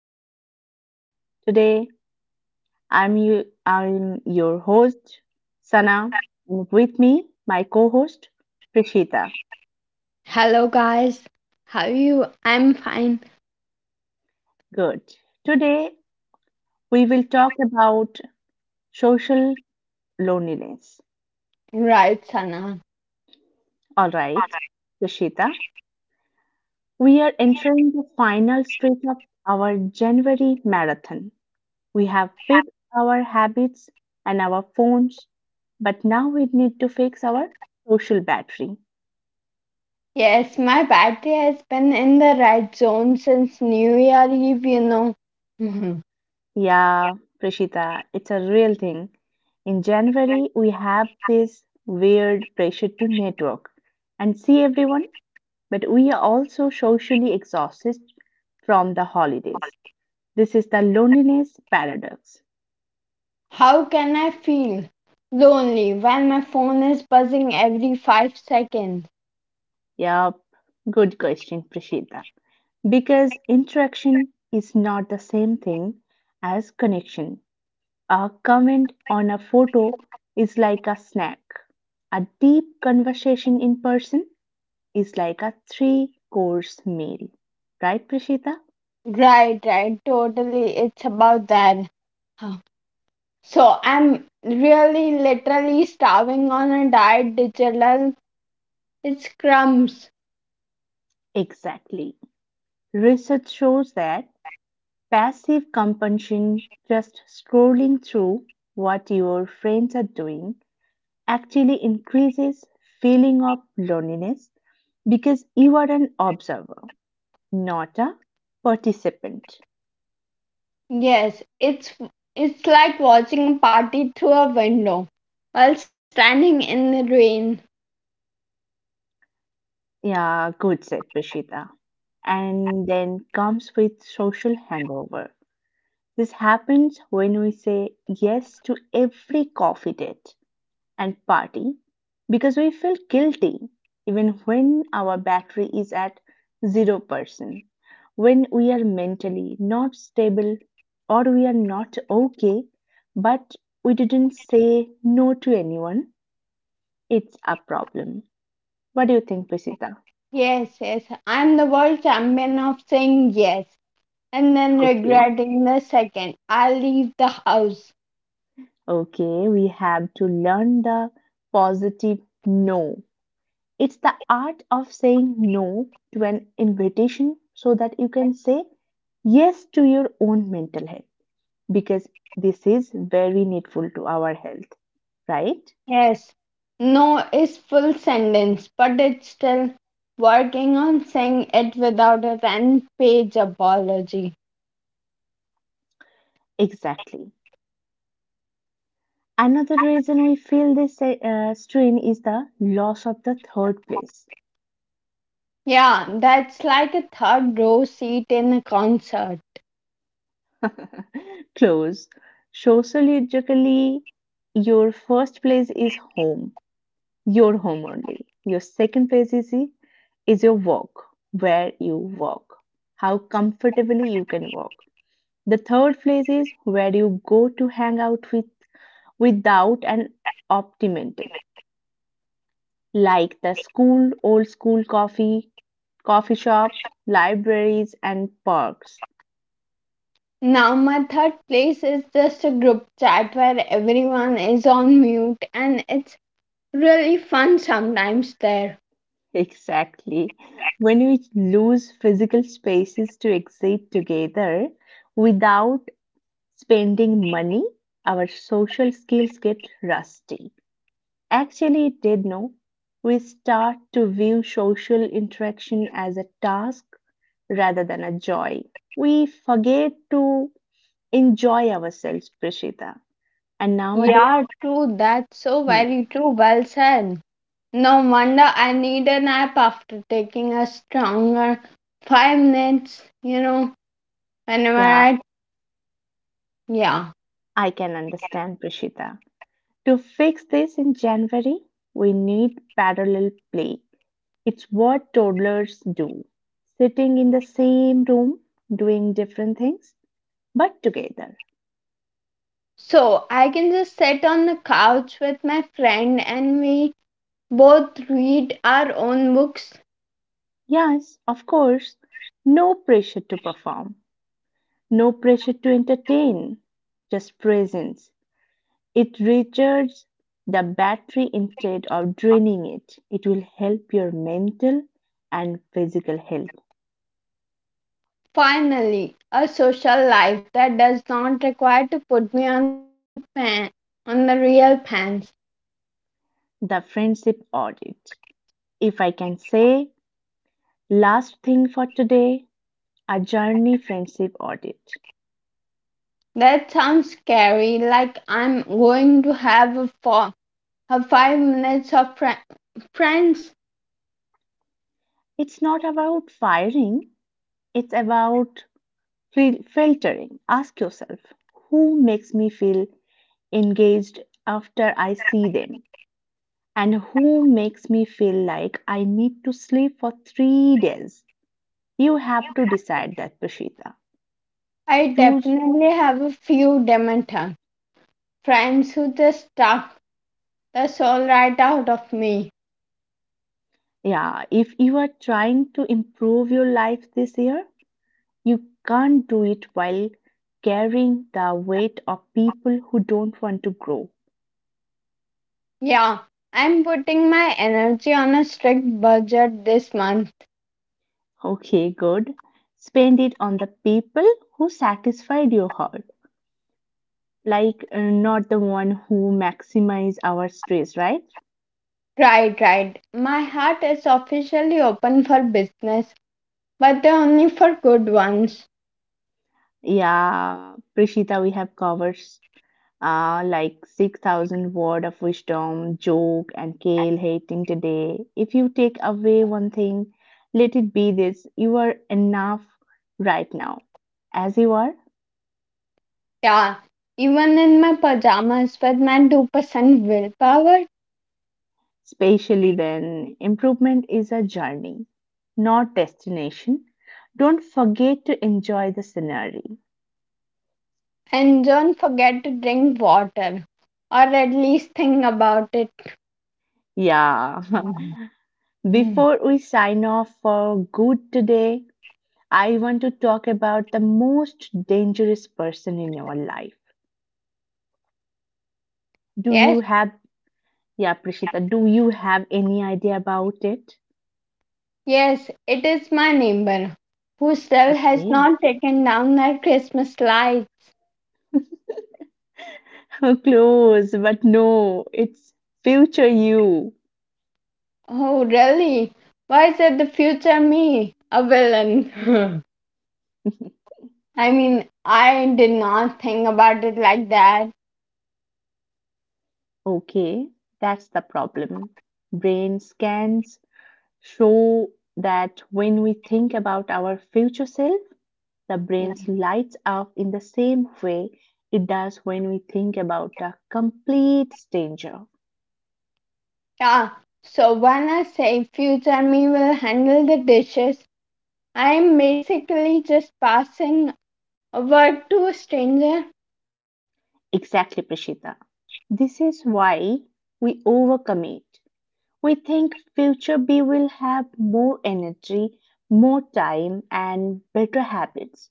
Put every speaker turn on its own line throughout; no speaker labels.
podcast. Today, I'm your host, Sana. With me, my co-host, Prishita.
Hello, guys. How are you? I'm fine.
Good. Today, we will talk about social loneliness.
Right, Sana.
All right, Prishita. We are entering the final stretch of our January marathon. We have fixed our habits and our phones, but now we need to fix our social battery.
Yes, my battery has been in the red zone since New Year Eve, Mhm.
Yeah, Prishita, it's a real thing. In January, we have this weird pressure to network and see everyone, but we are also socially exhausted from the holidays. This is the loneliness paradox.
How can I feel lonely when my phone is buzzing every 5 seconds?
Yup, good question, Prishita. Because interaction is not the same thing as connection. A comment on a photo is like a snack. A deep conversation in person is like a three course meal. Right, Prashita?
Right, right, totally. It's about that. Huh. So I'm really literally starving on a diet digital. It's crumbs.
Exactly. Research shows that passive consumption, just scrolling through what your friends are doing, actually increases feeling of loneliness because you are an observer, not a participant.
Yes, it's like watching a party through a window while standing in the rain.
Yeah, good said Prashita. And then comes with social hangover. This happens when we say yes to every coffee date and party because we feel guilty even when our battery is at 0%, when we are mentally not stable or we are not okay, but we didn't say no to anyone. It's a problem. What do you think, Prisita?
Yes, yes, I'm the world champion of saying yes and then
Okay.
regretting the second I leave the house.
Okay, we have to learn the positive no. It's the art of saying no to an invitation so that you can say yes to your own mental health because this is very needful to our health, right?
Yes, no is full sentence, but it's still working on saying it without a 10-page apology.
Exactly. Another reason we feel this strain is the loss of the third place.
Yeah, that's like a third row seat in a concert.
Close. Sociologically, your first place is home, your home only. Your second place is your walk, where you walk, how comfortably you can walk. The third place is where you go to hang out with without an optimental, like the school, old school coffee shops, libraries, and parks.
Now, my third place is just a group chat where everyone is on mute and it's really fun sometimes there.
Exactly. When we lose physical spaces to exist together without spending money, our social skills get rusty. Actually, it did no. We start to view social interaction as a task rather than a joy. We forget to enjoy ourselves, Prishita. And nowadays,
Yeah, true, that's so
Hmm.
very true. Well said. No wonder I need a nap after taking a stronger 5 minutes, whenever
yeah,
I, yeah.
I can understand, Prishita. To fix this in January, we need parallel play. It's what toddlers do sitting in the same room, doing different things but together.
So I can just sit on the couch with my friend and we both read our own books.
Yes, of course. No pressure to perform, no pressure to entertain, just presence. It recharges the battery instead of draining it. It will help your mental and physical health.
Finally, a social life that does not require to put me on the pan, on the real pants.
The friendship audit. If I can say, last thing for today, a journey friendship audit.
That sounds scary, like I'm going to have a four, a 5 minutes of friends.
It's not about firing, it's about filtering. Ask yourself who makes me feel engaged after I see them, and who makes me feel like I need to sleep for 3 days. You have to decide that, Prashita.
I
Choose,
definitely have a few Demeter friends who just suck the soul right out of me.
yeah, if you are trying to improve your life this year, you can't do it while carrying the weight of people who don't want to grow.
Yeah, I'm putting my energy on a strict budget this month.
Okay, good. Spend it on the people who satisfied your heart, like not the one who maximize our stress, right?
Right, right. My heart is officially open for business, but only for good ones.
Yeah, Prishita, we have covered like 6,000 word of wisdom joke and kale hating today. If you take away one thing, let it be this: you are enough right now as you are.
Yeah, even in my pajamas with my 2% willpower,
Especially then improvement is a journey, not destination. Don't forget to enjoy the scenery.
and don't forget to drink water or at least think about it.
Yeah.
Mhm.
Before we sign off for good today, I want to talk about the most dangerous person in your life. Do
Yes,
you have, yeah, Prishita, do you have any idea about it?
yes, it is my neighbor who still has
Okay.
not taken down their Christmas lights.
Close, but no, it's future you.
Oh, really? Why is it the future me, a villain? I mean, I did not think about it like that.
Okay, that's the problem. Brain scans show that when we think about our future self, the brain lights up in the same way it does when we think about a complete stranger.
Yeah, so when I say future me will handle the dishes, I am basically just passing a word to a stranger
Exactly, Prashita. This is why we overcommit. We think future B will have more energy, more time, and better habits.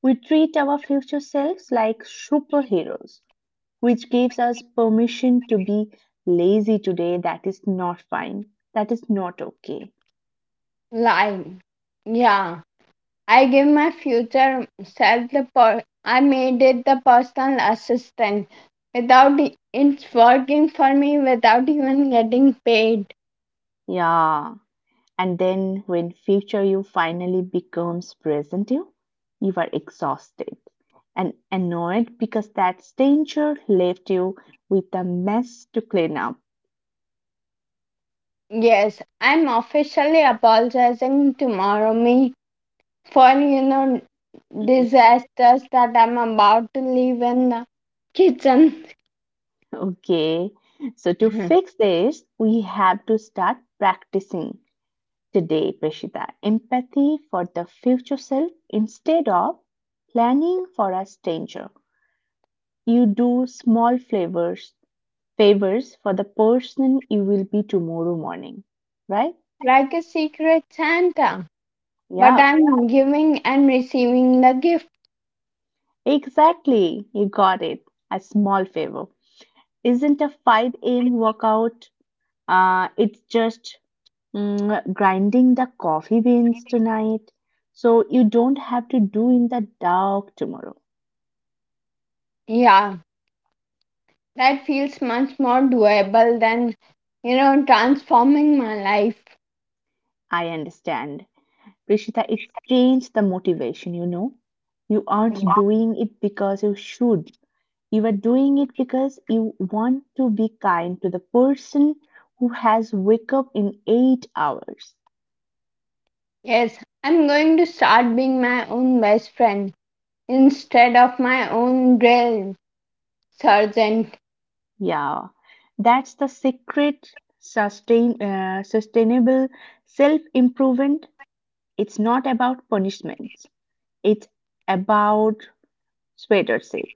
We treat our future selves like superheroes, which gives us permission to be lazy today. That is not fine. That is not okay.
line. Yeah, I give my future self the I made it the personal assistant without it's working for me without even getting paid.
Yeah. And then when future you finally becomes present you, you are exhausted and annoyed because that stranger left you with a mess to clean up.
Yes, I'm officially apologizing tomorrow me for disasters that I'm about to leave in the kitchen.
Okay, so to fix this, we have to start practicing today, Prashita. Empathy for the future self instead of planning for a stranger. You do small favors for the person you will be tomorrow morning, right?
Like a secret Santa. But
Yeah,
I'm giving and receiving the gift.
exactly. You got it. A small favor isn't a 5 a.m. workout. It's just grinding the coffee beans tonight, so you don't have to do in the dark tomorrow.
Yeah, that feels much more doable than transforming my life.
I understand. Prishita, it's changed the motivation, you know. You aren't
Yeah.
doing it because you should. You are doing it because you want to be kind to the person who has wake up in 8 hours.
Yes, I'm going to start being my own best friend instead of my own drill sergeant.
Yeah. That's the secret sustainable self-improvement. It's not about punishments. It's about sweater safe.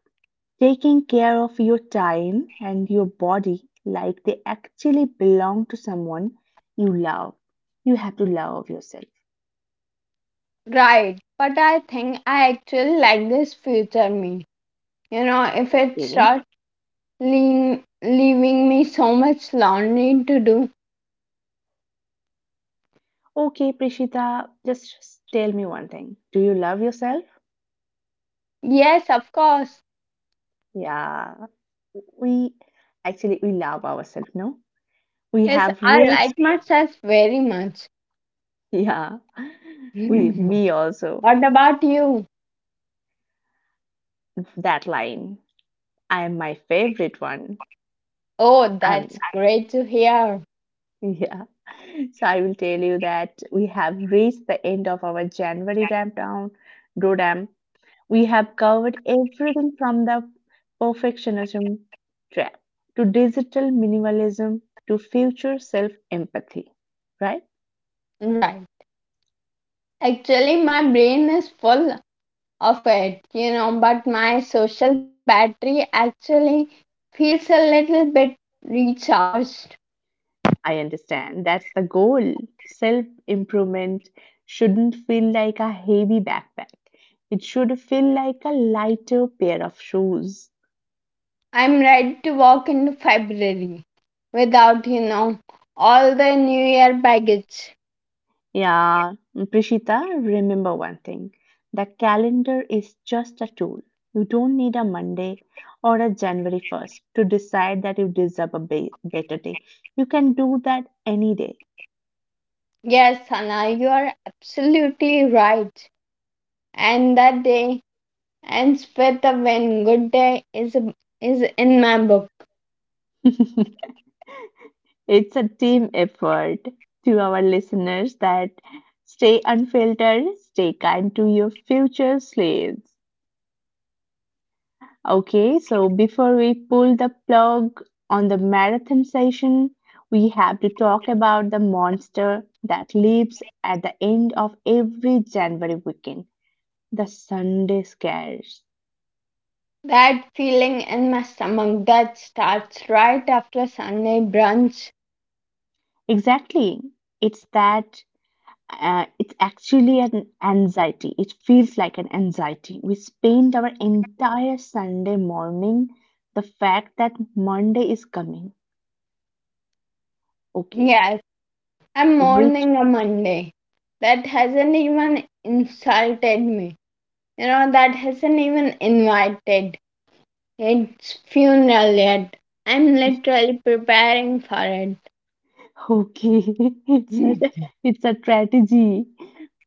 Taking care of your time and your body like they actually belong to someone you love. You have to love yourself.
Right, but I think I actually like this future me. You know, if it
Okay.
starts leaving me so much laundry to do.
Okay, Prishita, just tell me one thing. Do you love yourself?
Yes, of course.
Yeah, we actually we love ourselves, no? We
Yes,
have
I
reached,
like myself very much.
yeah, we me also
What about you?
that line. I am my favorite one.
Oh, that's
I'm
great to hear.
yeah. So I will tell you that we have reached the end of our January ramp down, Rodam. We have covered everything from the perfectionism trap to digital minimalism to future self empathy, right?
Right. Actually, my brain is full of it, but my social battery actually feels a little bit recharged.
I understand, that's the goal. Self improvement shouldn't feel like a heavy backpack, it should feel like a lighter pair of shoes.
I'm ready to walk in February without, all the New Year baggage.
Yeah, Prishita, remember one thing. The calendar is just a tool. You don't need a Monday or a January 1st to decide that you deserve a better day. You can do that any day.
Yes, Sana, you are absolutely right. And that day ends with a when good day is in my book.
It's a team effort. To our listeners that stay unfiltered, stay kind to your future slaves. Okay, so before we pull the plug on the marathon session, we have to talk about the monster that lives at the end of every January weekend, the Sunday scares.
That feeling in my stomach that starts right after Sunday brunch.
Exactly. It's that it's actually an anxiety. It feels like an anxiety. We spend our entire Sunday morning the fact that Monday is coming. Okay,
Yes, I'm
which
mourning a Monday that hasn't even insulted me. You know, that hasn't even invited it's funeral yet. I'm literally preparing for it.
okay, it's a
Mm.
it's a strategy.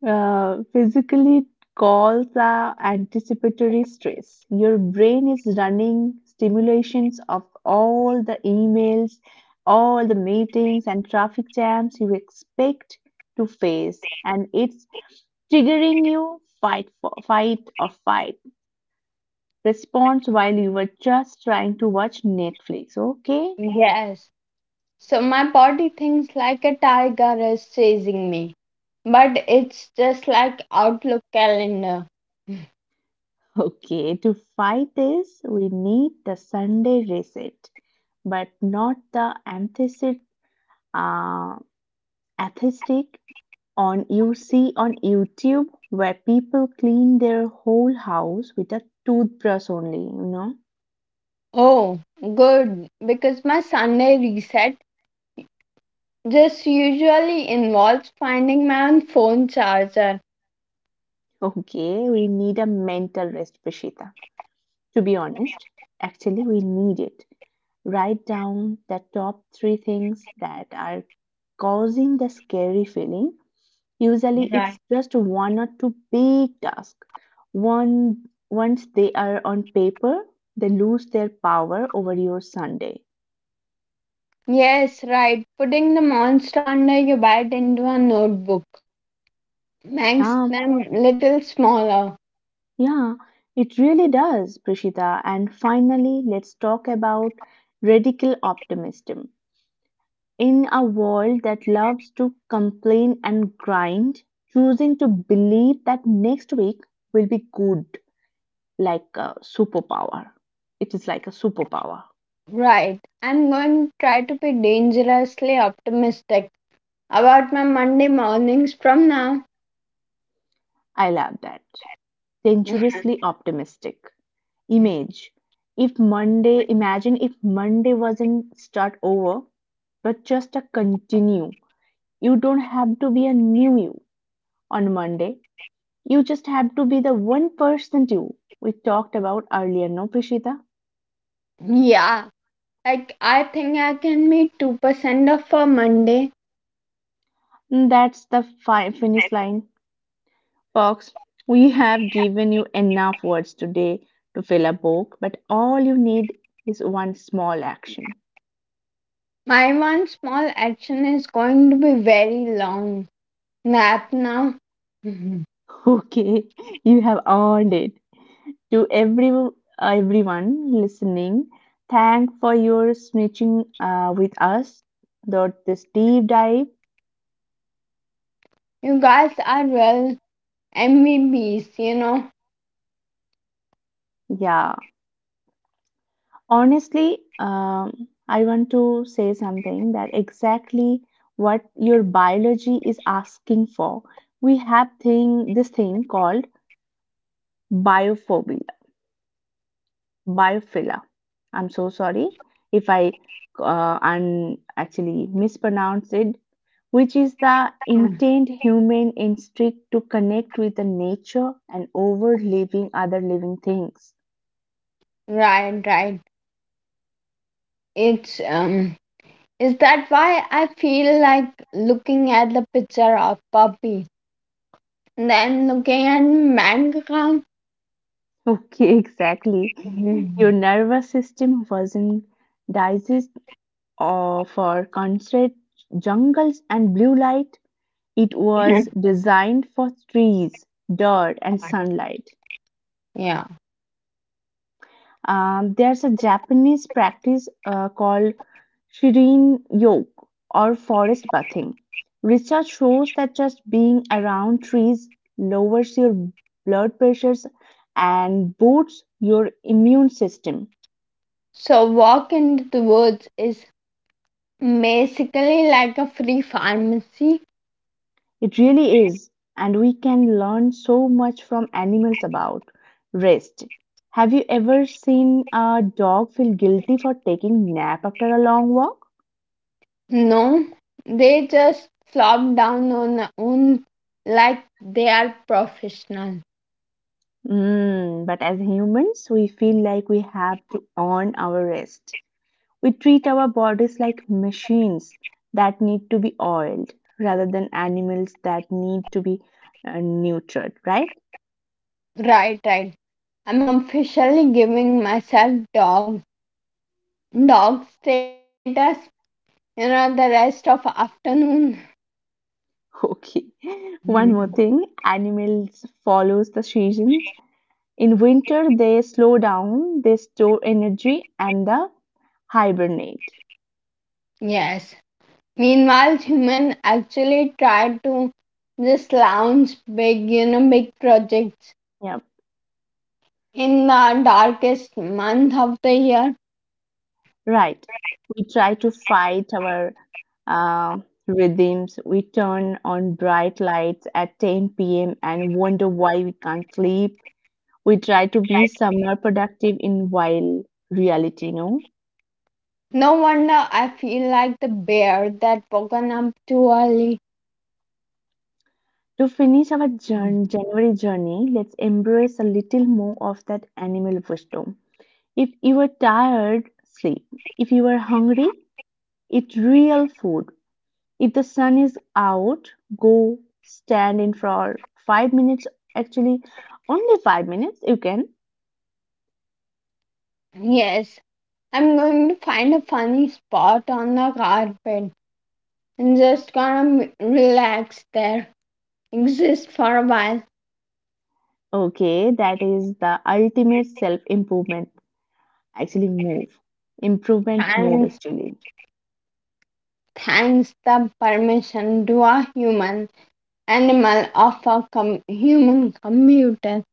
Physically, it calls anticipatory stress. Your brain is running stimulations of all the emails, all the meetings, and traffic jams you expect to face, and it's triggering you fight for fight or fight response while you were just trying to watch Netflix. Okay.
Yes. So my body thinks like a tiger is chasing me. But it's just like Outlook calendar.
Okay, to fight this, we need the Sunday reset, but not the anthesis, uh, atheistic on you see on YouTube where people clean their whole house with a toothbrush only, you know.
Oh, good. Because my Sunday reset just usually involves finding my own phone charger.
Okay, we need a mental rest, Prishita. To be honest, actually, we need it. Write down the top three things that are causing the scary feeling. Usually
Right.
it's just one or two big tasks. One, once they are on paper, they lose their power over your Sunday.
Yes, right. Putting the monster under your bed into a notebook makes
Um,
them little smaller.
yeah, it really does, Prishita. And finally, let's talk about radical optimism. In a world that loves to complain and grind, choosing to believe that next week will be good like a superpower. It is like a superpower.
Right. I'm going to try to be dangerously optimistic about my Monday mornings from now.
I love that. Dangerously optimistic
Yeah,
image. If Monday, imagine if Monday wasn't start over, but just a continue. You don't have to be a new you on Monday. You just have to be the 1% person you we talked about earlier, no, Prishita?
yeah, like I think I can meet 2% of a Monday.
Mm, that's the finish line. Fox, we have given you enough words today to fill a book, but all you need is one small action.
My one small action is going to be very long. Nap now. Mhm.
Okay, you have earned it. To everyone listening, thank for your snitching with us. Dot this deep dive.
You guys are real MVPs,
Yeah, honestly, I want to say something that exactly what your biology is asking for. We have thing this thing called biophobia, biophilia. I'm so sorry if I and actually mispronounced it, which is the
Mm.
intent human instinct to connect with the nature and over living other living things.
Right, right. It's, is that why I feel like looking at the picture of Puppy? And then looking at manga.
Okay, exactly. Your nervous system wasn't digest for concert jungles and blue light. It was designed for trees, dirt, and sunlight.
Yeah.
There's a Japanese practice called shirin yoke or forest bathing. Research shows that just being around trees lowers your blood pressures and boosts your immune system.
So walk into the woods is basically like a free pharmacy.
It really is, and we can learn so much from animals about rest. Have you ever seen a dog feel guilty for taking nap after a long walk?
No, they just flop down on their own like they are professional.
Mm, but as humans, we feel like we have to earn our rest. We treat our bodies like machines that need to be oiled rather than animals that need to be nurtured, right?
Right, right. I'm officially giving myself dog status. You know the rest of afternoon.
Okay. One more thing, animals follows the seasons. In winter, they slow down, they store energy, and the hibernate.
Yes. Meanwhile, human actually try to just launch big, big projects
Yeah,
in the darkest month of the year.
right. We try to fight our uh, rhythms. We turn on bright lights at 10 p.m. and wonder why we can't sleep. We try to be somewhere productive in while reality, no?
No wonder I feel like the bear that woken up too early.
To finish our January journey, let's embrace a little more of that animal wisdom. If you are tired, sleep. If you are hungry, eat real food. If the sun is out, go stand in for 5 minutes. Actually, only 5 minutes you can.
Yes, I'm going to find a funny spot on the carpet and just gonna relax there, exist for a while.
Okay, that is the ultimate self improvement. Actually, move. Improvement move,
Thanks,
actually.
thanks the permission to a human, animal of a human computer.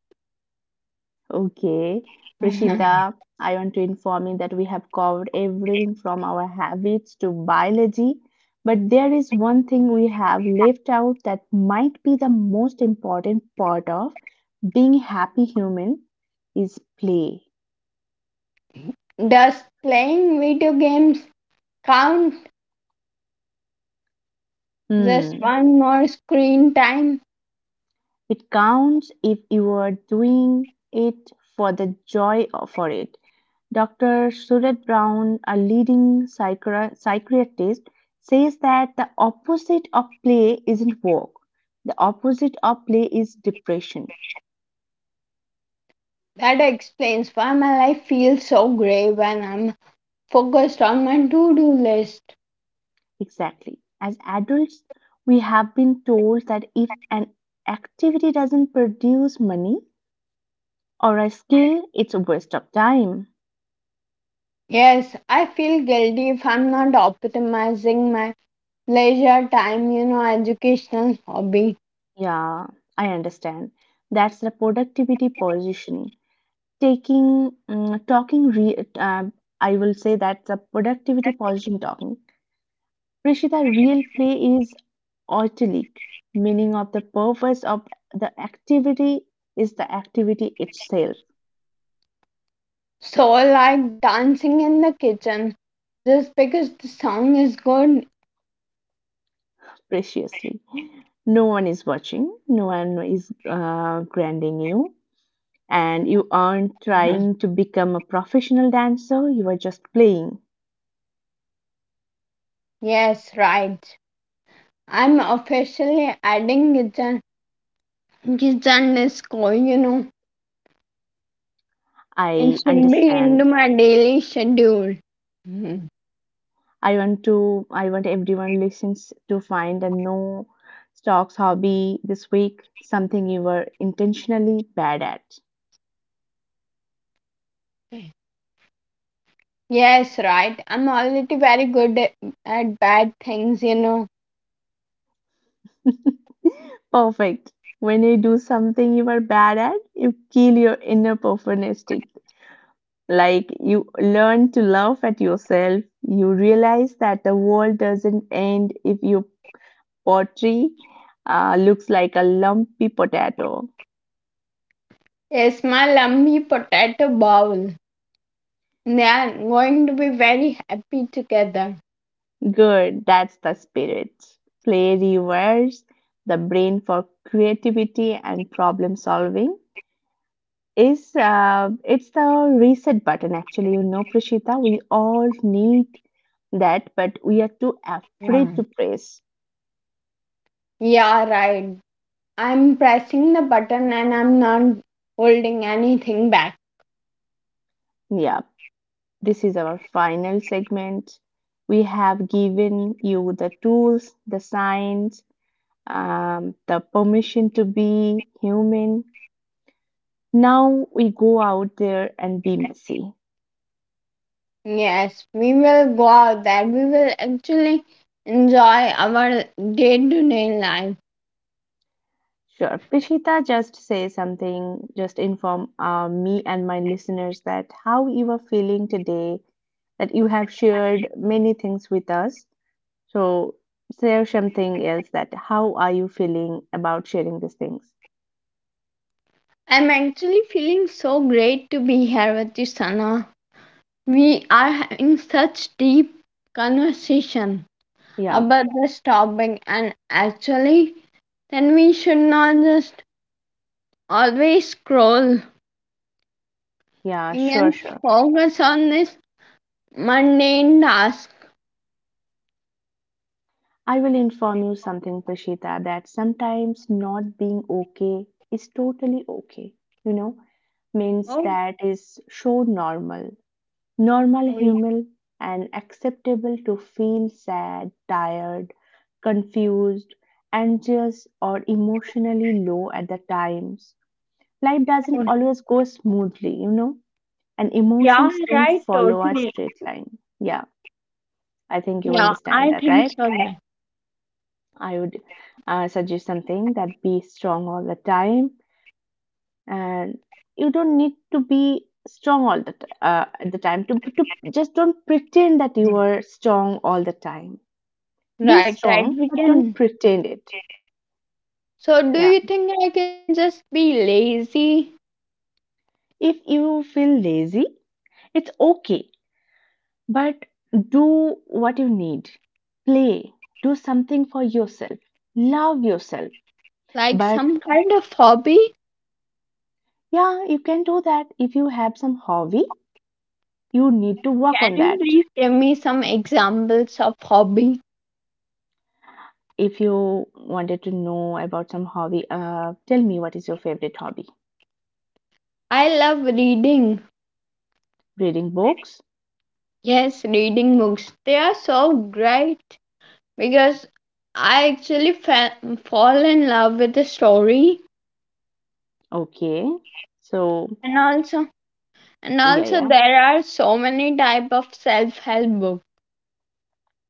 Okay, Prishita, I want to inform you that we have covered everything from our habits to biology, but there is one thing we have left out that might be the most important part of being a happy human is play.
Does playing video games count? Just
Hmm.
one more screen time?
It counts if you are doing it for the joy of for it. Dr. Suret Brown, a leading psychiatrist, says that the opposite of play isn't work. The opposite of play is depression.
That explains why my life feels so grey when I'm focused on my to do list.
Exactly. As adults, we have been told that if an activity doesn't produce money or a skill, it's a waste of time.
Yes, I feel guilty if I'm not optimizing my leisure time, educational hobby.
Yeah, I understand. That's the productivity position. Taking, mm, talking, re- I will say that's a productivity position talking Prishita, real play is oitilic, meaning of the purpose of the activity is the activity itself,
So, like dancing in the kitchen, just because the song is good.
preciously. No one is watching, no one is granding you, and you aren't trying to become a professional dancer, you are just playing.
Yes, right. I'm officially adding kitchen disco, It
I
should be into
understand.
my daily schedule. Mhm.
I want everyone listens to find a no stocks hobby this week, something you were intentionally bad at.
Yes, right. I'm already very good at bad things,
Perfect. When you do something you are bad at, you kill your inner perfectionistic. Like you learn to laugh at yourself. You realize that the world doesn't end if your pottery looks like a lumpy potato.
Yes, my lumpy potato bowl. They are going to be very happy together.
Good, that's the spirit. Play reverse the brain for creativity and problem solving, is it's the reset button, actually. You know, Prashita, we all need that, but we are too
Yeah.
afraid to press.
Yeah, right. I'm pressing the button and I'm not holding anything back.
Yeah, this is our final segment. We have given you the tools, the signs, the permission to be human. Now we go out there and be messy.
Yes, we will go out there. We will actually enjoy our day to day life.
Sure. Prishita, just say something, just inform me and my listeners that how you are feeling today, that you have shared many things with us. So, share something else that how are you feeling about sharing these things?
I'm actually feeling so great to be here with you, Sana. We are having such deep conversation
Yeah,
about this topic, and actually, then we should not just always scroll. We
yeah,
can
sure, sure.
focus on this mundane task.
I will inform you something, Prishita, that sometimes not being okay is totally okay, you know, means
Oh,
that is so normal normal
we
human and acceptable to feel sad, tired, confused, anxious, or emotionally low at the times. Life doesn't
could.
always go smoothly, you know, and
Yeah,
emotions don't
right,
follow a
totally.
straight line. Yeah, I think you
Yeah,
understand
I
that,
think
right?
so. Yeah.
I would suggest something that be strong all the time and you don't need to be strong all the at the time to just don't pretend that you are strong all the time. Be
Right, right,
strong
we
but
can.
don't pretend it.
So, do you
Yeah,
think I can just be lazy?
if you feel lazy, it's okay, but do what you need. Play. Do something for yourself. Love yourself.
Like
But
some kind of hobby?
yeah, you can do that if you have some hobby. You need to work
Can
on
you
that.
please give me some examples of hobby?
If you wanted to know about some hobby, tell me what is your favorite hobby?
I love reading.
Reading books?
Yes, reading books. They are so great because I actually fall in love with the story.
Okay. So,
And also, and
yeah,
also
yeah,
there are so many type of self-help books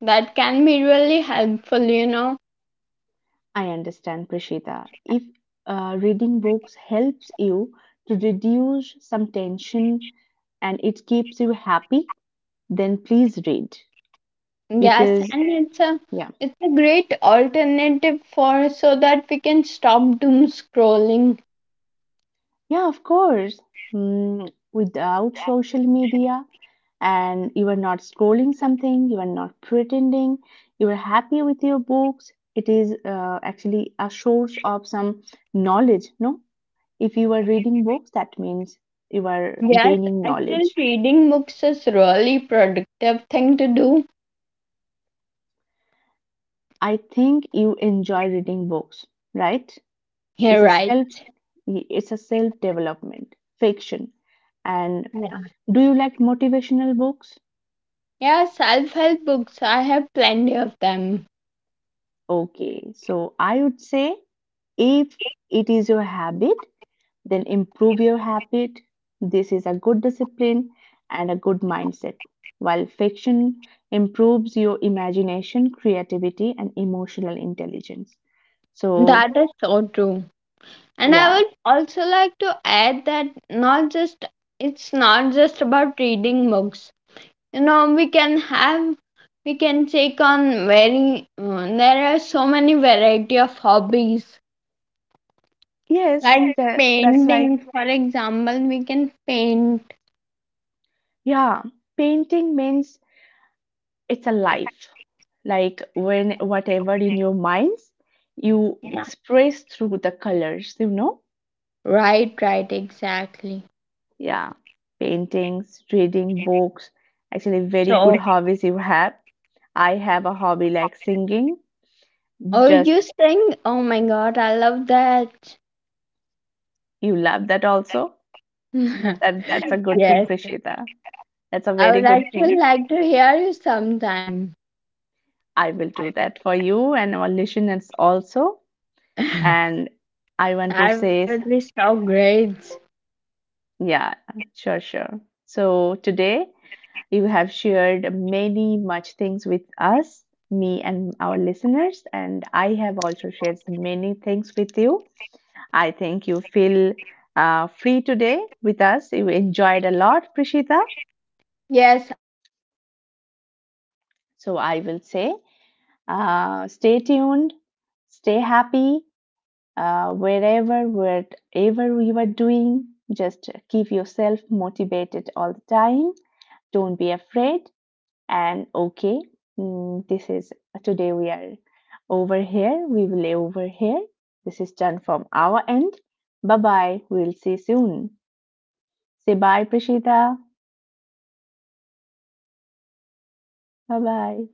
that can be really helpful,
I understand, Prashita. If reading books helps you to reduce some tension and it keeps you happy, then please read
Yes,
because,
and it's a
yeah,
it's a great alternative for so that we can stop doom scrolling.
yeah, of course. Without social media, and you are not scrolling something, you are not pretending, you are happy with your books. It is actually a source of some knowledge, no? If you are reading books, that means you are
Yes,
gaining
actually
knowledge.
reading books is really productive thing to do.
I think you enjoy reading books, right? It's
You're
a
right.
self it's a self development fiction. And
Yeah.
do you like motivational books?
Yeah, self-help books, I have plenty of them.
Okay, so I would say if it is your habit, then improve your habit. This is a good discipline and a good mindset. While fiction improves your imagination, creativity, and emotional intelligence. So,
That is so true. And I
yeah.
would also like to add that not just it's not just about reading books. You know we can have we can take on very there are so many variety of hobbies
Yes,
like
that's like,
painting for example we can paint.
yeah, painting means it's a life. Like when whatever in your minds, you
Yeah.
express through the colors, you know?
Right, right, exactly.
Yeah, paintings, reading books, actually very
So
good hobbies you have. I have a hobby like singing.
oh
Just
you sing. Oh my god I love that.
you love that also. That's a good thing,
Yes,
Prishita. That's a
I
very
would
good
actually
thing.
like to hear you sometime.
I will do that for you and our listeners also. And I want to
That
say,
would be so great.
yeah, sure, sure. So today you have shared many much things with us, me and our listeners, and I have also shared many things with you. I think you feel free today with us. You enjoyed a lot, Prishita. So I will say stay tuned, stay happy wherever, whatever you are doing. Just keep yourself motivated all the time. Don't be afraid. And okay, this is today we are over here. We will over here. This is done from our end. Bye bye. We'll see soon. Say bye, Prishita. Bye bye.